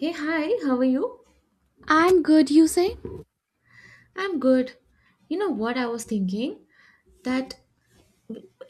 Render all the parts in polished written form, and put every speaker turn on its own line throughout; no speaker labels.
Hey, hi, how are you?
I'm good, you say?
I'm good. You know what I was thinking? That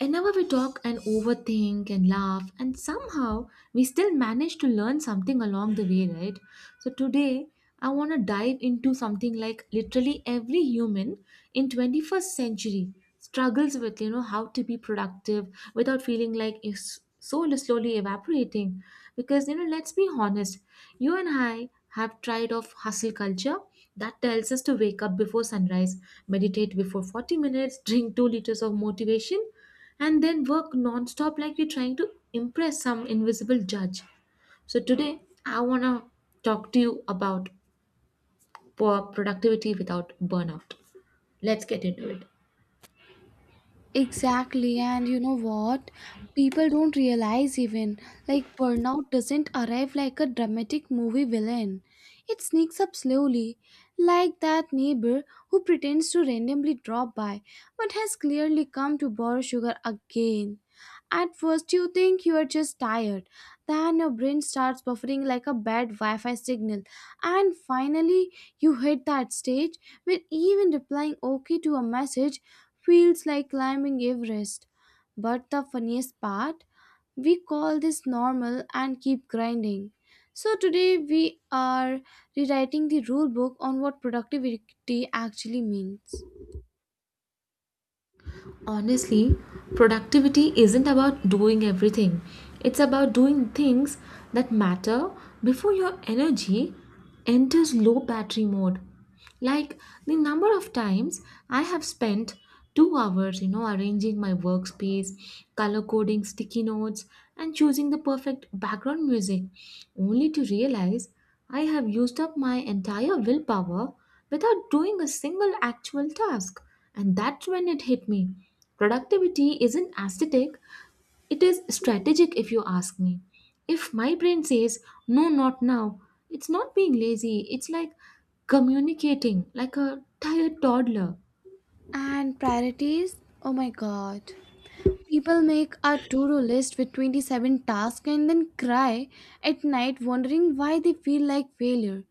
Whenever we talk and overthink and laugh, and somehow we still manage to learn something along the way, right? So, today I want to dive into something like literally every human in 21st century struggles with, you know, how to be productive without feeling like his soul slowly evaporating. Because, you know, let's be honest, you and I have tried of hustle culture that tells us to wake up before sunrise, meditate before 40 minutes, drink 2 liters of motivation, and then work non-stop like we're trying to impress some invisible judge. So today I want to talk to you about productivity without burnout. Let's get into it.
Exactly. And you know what? People don't realize even. Like, burnout doesn't arrive like a dramatic movie villain. It sneaks up slowly, like that neighbor who pretends to randomly drop by but has clearly come to borrow sugar again. At first, you think you are just tired, then your brain starts buffering like a bad Wi Fi signal, and finally, you hit that stage where even replying okay to a message feels like climbing Everest. But the funniest part, we call this normal and keep grinding. So today we are rewriting the rule book on what productivity actually means.
Honestly, productivity isn't about doing everything, it's about doing things that matter before your energy enters low battery mode. Like the number of times I have spent 2 hours, you know, arranging my workspace, color coding sticky notes, and choosing the perfect background music, only to realize I have used up my entire willpower without doing a single actual task. And that's when it hit me. Productivity isn't aesthetic, it is strategic, if you ask me. If my brain says, no, not now, it's not being lazy, it's like communicating like a tired toddler.
And priorities? Oh my god. People make a to do list with 27 tasks and then cry at night wondering why they feel like failure.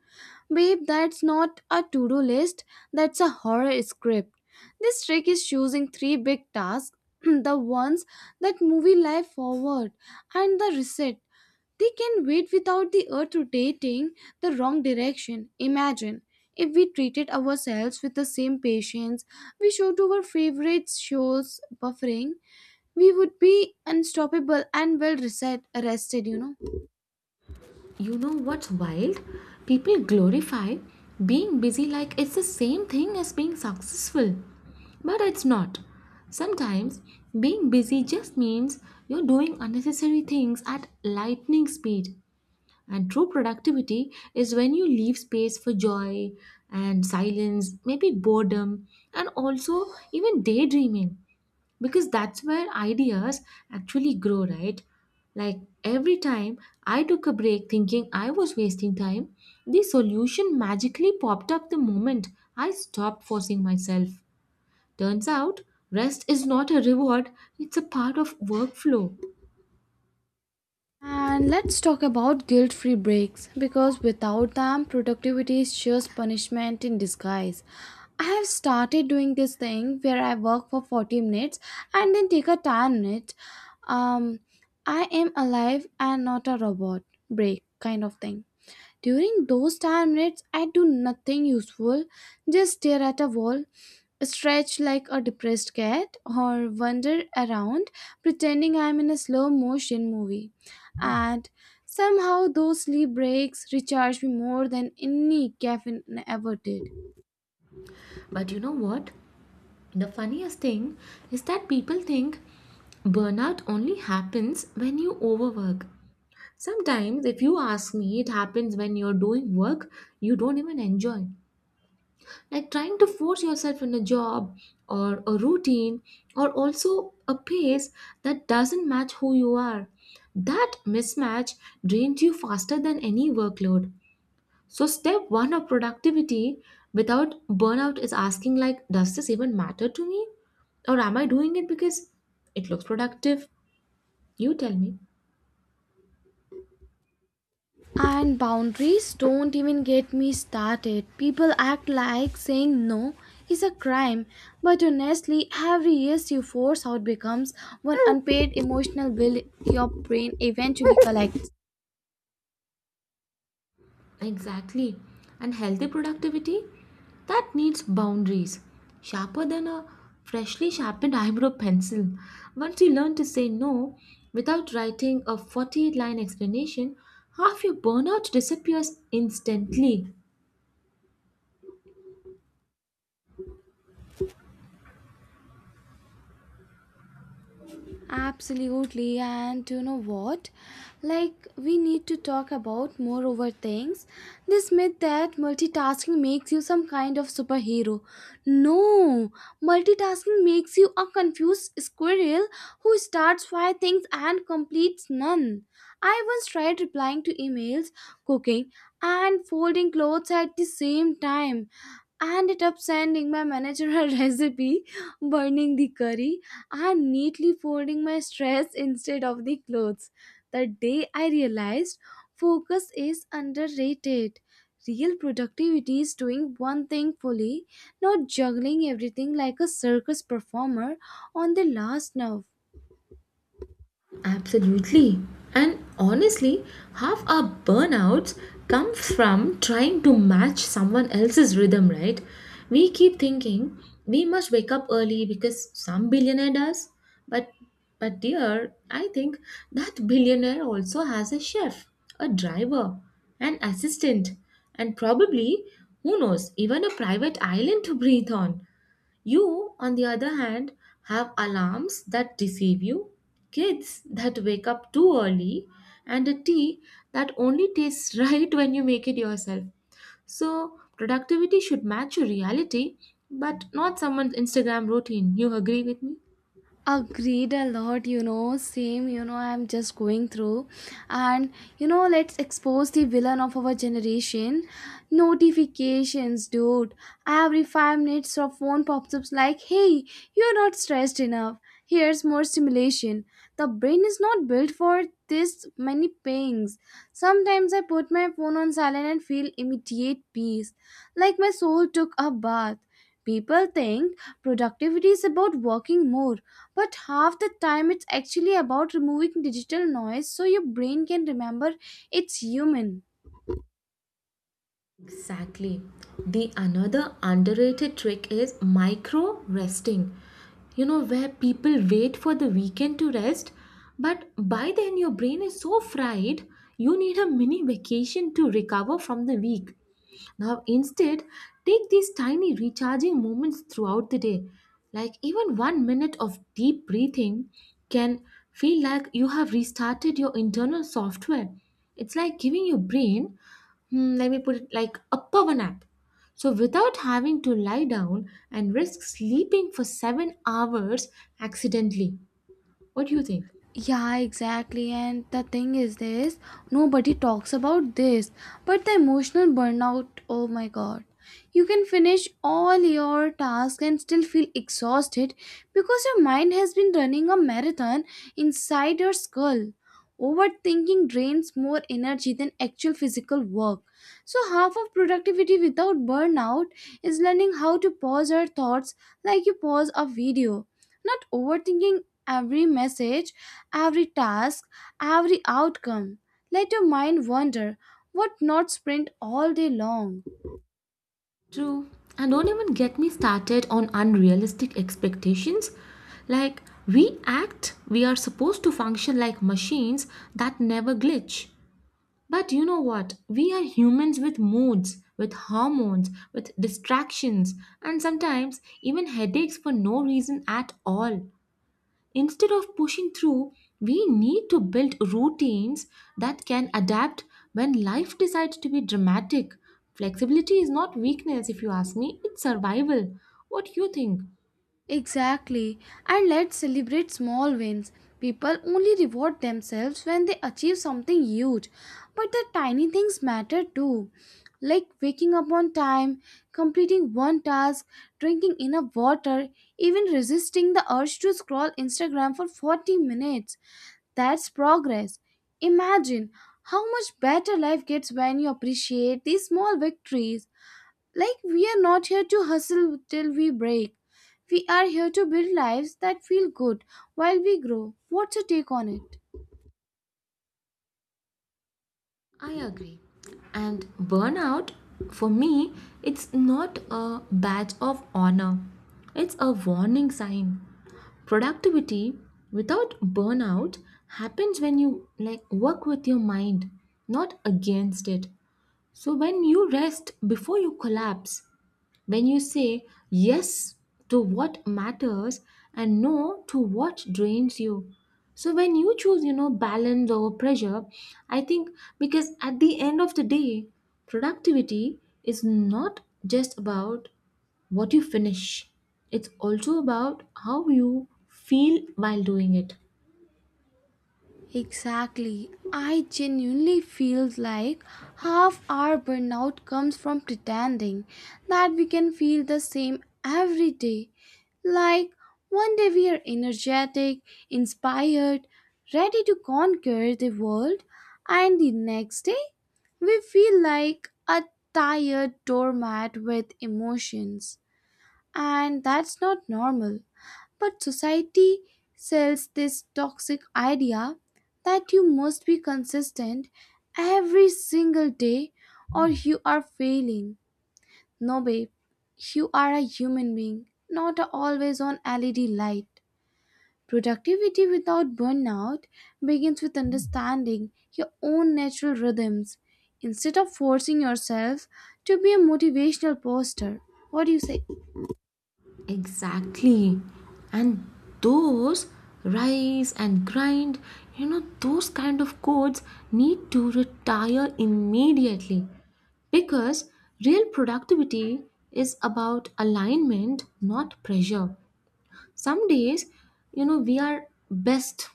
Babe, that's not a to do list, that's a horror script. This trick is choosing three big tasks the ones that move life forward, and the reset. They can wait without the earth rotating the wrong direction. Imagine if we treated ourselves with the same patience we show to our favorite shows buffering. We would be unstoppable and well reset, rested, you know.
You know what's wild? People glorify being busy like it's the same thing as being successful. But it's not. Sometimes being busy just means you're doing unnecessary things at lightning speed. And true productivity is when you leave space for joy and silence, maybe boredom, and also even daydreaming, because that's where ideas actually grow, right? Like every time I took a break thinking I was wasting time, the solution magically popped up the moment I stopped forcing myself. Turns out, rest is not a reward, it's a part of workflow.
And let's talk about guilt free breaks because without them, productivity is just punishment in disguise. I have started doing this thing where I work for 40 minutes and then take a 10 minute. Um, I am alive and not a robot break kind of thing. During those time minutes, I do nothing useful, just stare at a wall, stretch like a depressed cat, or wander around pretending I'm in a slow motion movie. And somehow, those sleep breaks recharge me more than any caffeine ever did.
But you know what? The funniest thing is that people think burnout only happens when you overwork. Sometimes, if you ask me, it happens when you're doing work you don't even enjoy. Like trying to force yourself in a job or a routine or also a pace that doesn't match who you are. That mismatch drains you faster than any workload. So step one of productivity without burnout is asking like, does this even matter to me? Or am I doing it because it looks productive? You tell me.
And boundaries, don't even get me started. People act like saying no is a crime, but honestly, every yes you force out becomes one unpaid emotional bill your brain eventually collects.
Exactly. And healthy productivity, that needs boundaries. Sharper than a freshly sharpened eyebrow pencil. Once you learn to say no without writing a 48 line explanation, half your burnout disappears instantly.
Absolutely, and you know what? Like, we need to talk about more over things. This myth that multitasking makes you some kind of superhero. No, multitasking makes you a confused squirrel who starts five things and completes none. I once tried replying to emails, cooking, and folding clothes at the same time and it up sending my manager a recipe, burning the curry, and neatly folding my stress instead of the clothes. The day I realized focus is underrated. Real productivity is doing one thing fully, not juggling everything like a circus performer on the last nerve.
Absolutely. And honestly, half our burnouts come from trying to match someone else's rhythm, right? We keep thinking we must wake up early because some billionaire does. But but dear, I think that billionaire also has a chef, a driver, an assistant, and probably, who knows, even a private island to breathe on. You, on the other hand, have alarms that deceive you, kids that wake up too early, and a tea that only tastes right when you make it yourself. So, productivity should match your reality, but not someone's Instagram routine. You agree with me?
Agreed a lot, you know. Same, you know, I'm just going through. And you know, let's expose the villain of our generation, notifications, dude. Every 5 minutes your phone pops up like, hey, you're not stressed enough, here's more stimulation. The brain is not built for this many pings. Sometimes I put my phone on silent and feel immediate peace, like my soul took a bath. People think productivity is about working more, but half the time it's actually about removing digital noise so your brain can remember it's human.
Exactly. The another underrated trick is micro resting. You know, where people wait for the weekend to rest, but by then your brain is so fried, you need a mini vacation to recover from the week. Now, instead, take these tiny recharging moments throughout the day. Like even 1 minute of deep breathing can feel like you have restarted your internal software. It's like giving your brain, hmm, let me put it like a power nap. So, without having to lie down and risk sleeping for 7 hours accidentally. What do you think?
Yeah, exactly. And the thing is this, nobody talks about this. But the emotional burnout, oh my god. You can finish all your tasks and still feel exhausted because your mind has been running a marathon inside your skull. Overthinking drains more energy than actual physical work. So, half of productivity without burnout is learning how to pause our thoughts like you pause a video, not overthinking every message, every task, every outcome. Let your mind wander, what not sprint all day long.
True. And don't even get me started on unrealistic expectations. Like, we act, we are supposed to function like machines that never glitch. But you know what? We are humans with moods, with hormones, with distractions, and sometimes even headaches for no reason at all. Instead of pushing through, we need to build routines that can adapt when life decides to be dramatic. Flexibility is not weakness, if you ask me, it's survival. What you think?
Exactly. And let's celebrate small wins. People only reward themselves when they achieve something huge. But the tiny things matter too. Like waking up on time, completing one task, drinking enough water, even resisting the urge to scroll Instagram for 40 minutes. That's progress. Imagine how much better life gets when you appreciate these small victories. Like, we are not here to hustle till we break. We are here to build lives that feel good while we grow. What's your take on it?
I agree. And burnout, for me, it's not a badge of honor, it's a warning sign. Productivity without burnout happens when you like work with your mind, not against it. So, when you rest before you collapse, when you say yes to what matters and no to what drains you. So, when you choose, you know, balance over pressure, I think, because at the end of the day, productivity is not just about what you finish, it's also about how you feel while doing it.
Exactly. I genuinely feel like half our burnout comes from pretending that we can feel the same every day. Like one day we are energetic, inspired, ready to conquer the world, and the next day we feel like a tired doormat with emotions. And that's not normal. But society sells this toxic idea that you must be consistent every single day or you are failing. No, babe, you are a human being, not a always on LED light. Productivity without burnout begins with understanding your own natural rhythms instead of forcing yourself to be a motivational poster. What do you say?
Exactly. And those rise and grind, you know, those kind of codes need to retire immediately because real productivity is about alignment, not pressure. Some days, you know, we are best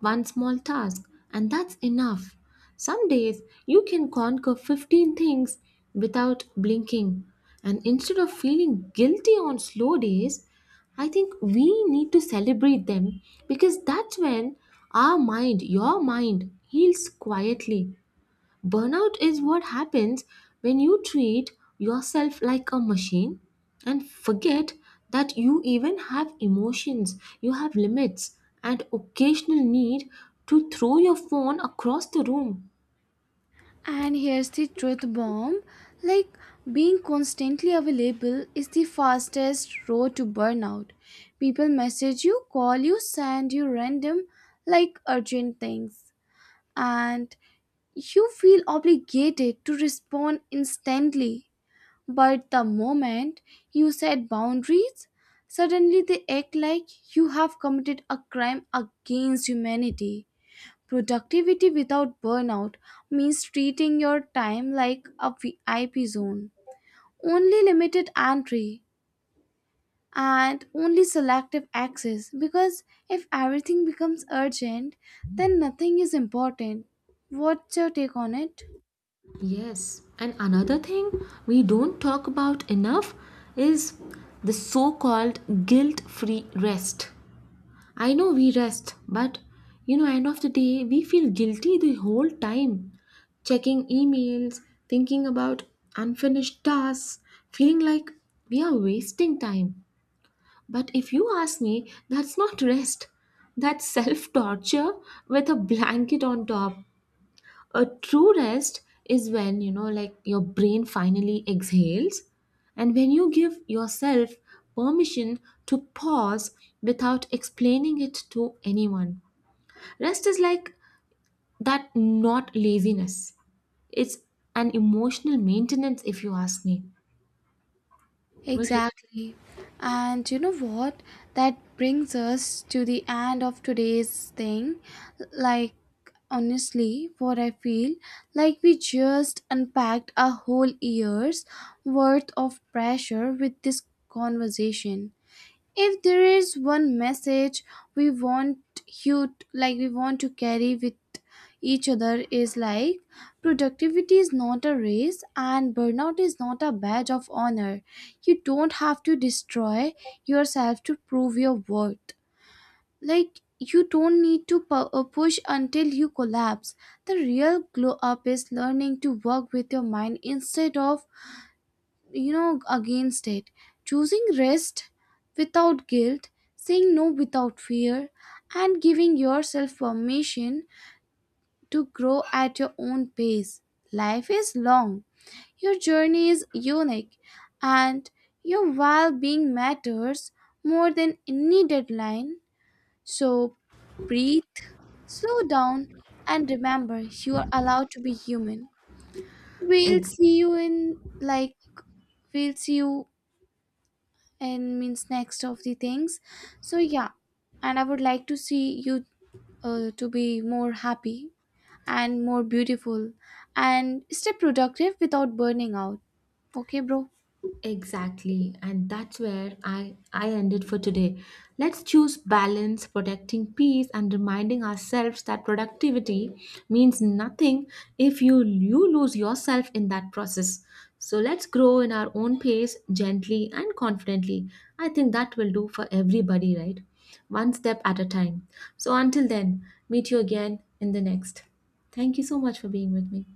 one small task, and that's enough. Some days you can conquer 15 things without blinking. And instead of feeling guilty on slow days, I think we need to celebrate them because that's when our mind, your mind, heals quietly. Burnout is what happens when you treat yourself like a machine and forget that you even have emotions, you have limits, and occasional need to throw your phone across the room.
And here's the truth bomb, like, being constantly available is the fastest road to burnout. People message you, call you, send you random, like urgent things, and you feel obligated to respond instantly. But the moment you set boundaries, suddenly they act like you have committed a crime against humanity. Productivity without burnout means treating your time like a VIP zone. Only limited entry and only selective access, because if everything becomes urgent, then nothing is important. What's your take on it?
Yes, and another thing we don't talk about enough is the so called guilt free rest. I know we rest, but you know, end of the day, we feel guilty the whole time. Checking emails, thinking about unfinished tasks, feeling like we are wasting time. But if you ask me, that's not rest. That's self torture with a blanket on top. A true rest is when, you know, like your brain finally exhales and when you give yourself permission to pause without explaining it to anyone. Rest is like that, not laziness. It's an emotional maintenance, if you ask me. Right?
Exactly. And you know what? That brings us to the end of today's thing. Like, honestly, what I feel like we just unpacked a whole year's worth of pressure with this conversation. If there is one message we want like we want to carry with each other, is like productivity is not a race and burnout is not a badge of honor. You don't have to destroy yourself to prove your worth. Like, you don't need to push until you collapse. The real glow up is learning to work with your mind instead of, you know, against it. Choosing rest without guilt, saying no without fear, and giving yourself permission to grow at your own pace. Life is long, your journey is unique, and your well-being matters more than any deadline. So breathe, slow down, and remember you are allowed to be human. we'll see you in like we'll see you and means next of the things. So yeah, and I would like to see you, to be more happy and more beautiful and stay productive without burning out. Okay, bro.
Exactly, and that's where I ended for today. Let's choose balance, protecting peace, and reminding ourselves that productivity means nothing if you lose yourself in that process. So let's grow in our own pace, gently and confidently. I think that will do for everybody, right? One step at a time. So until then, meet you again in the next. Thank you so much for being with me.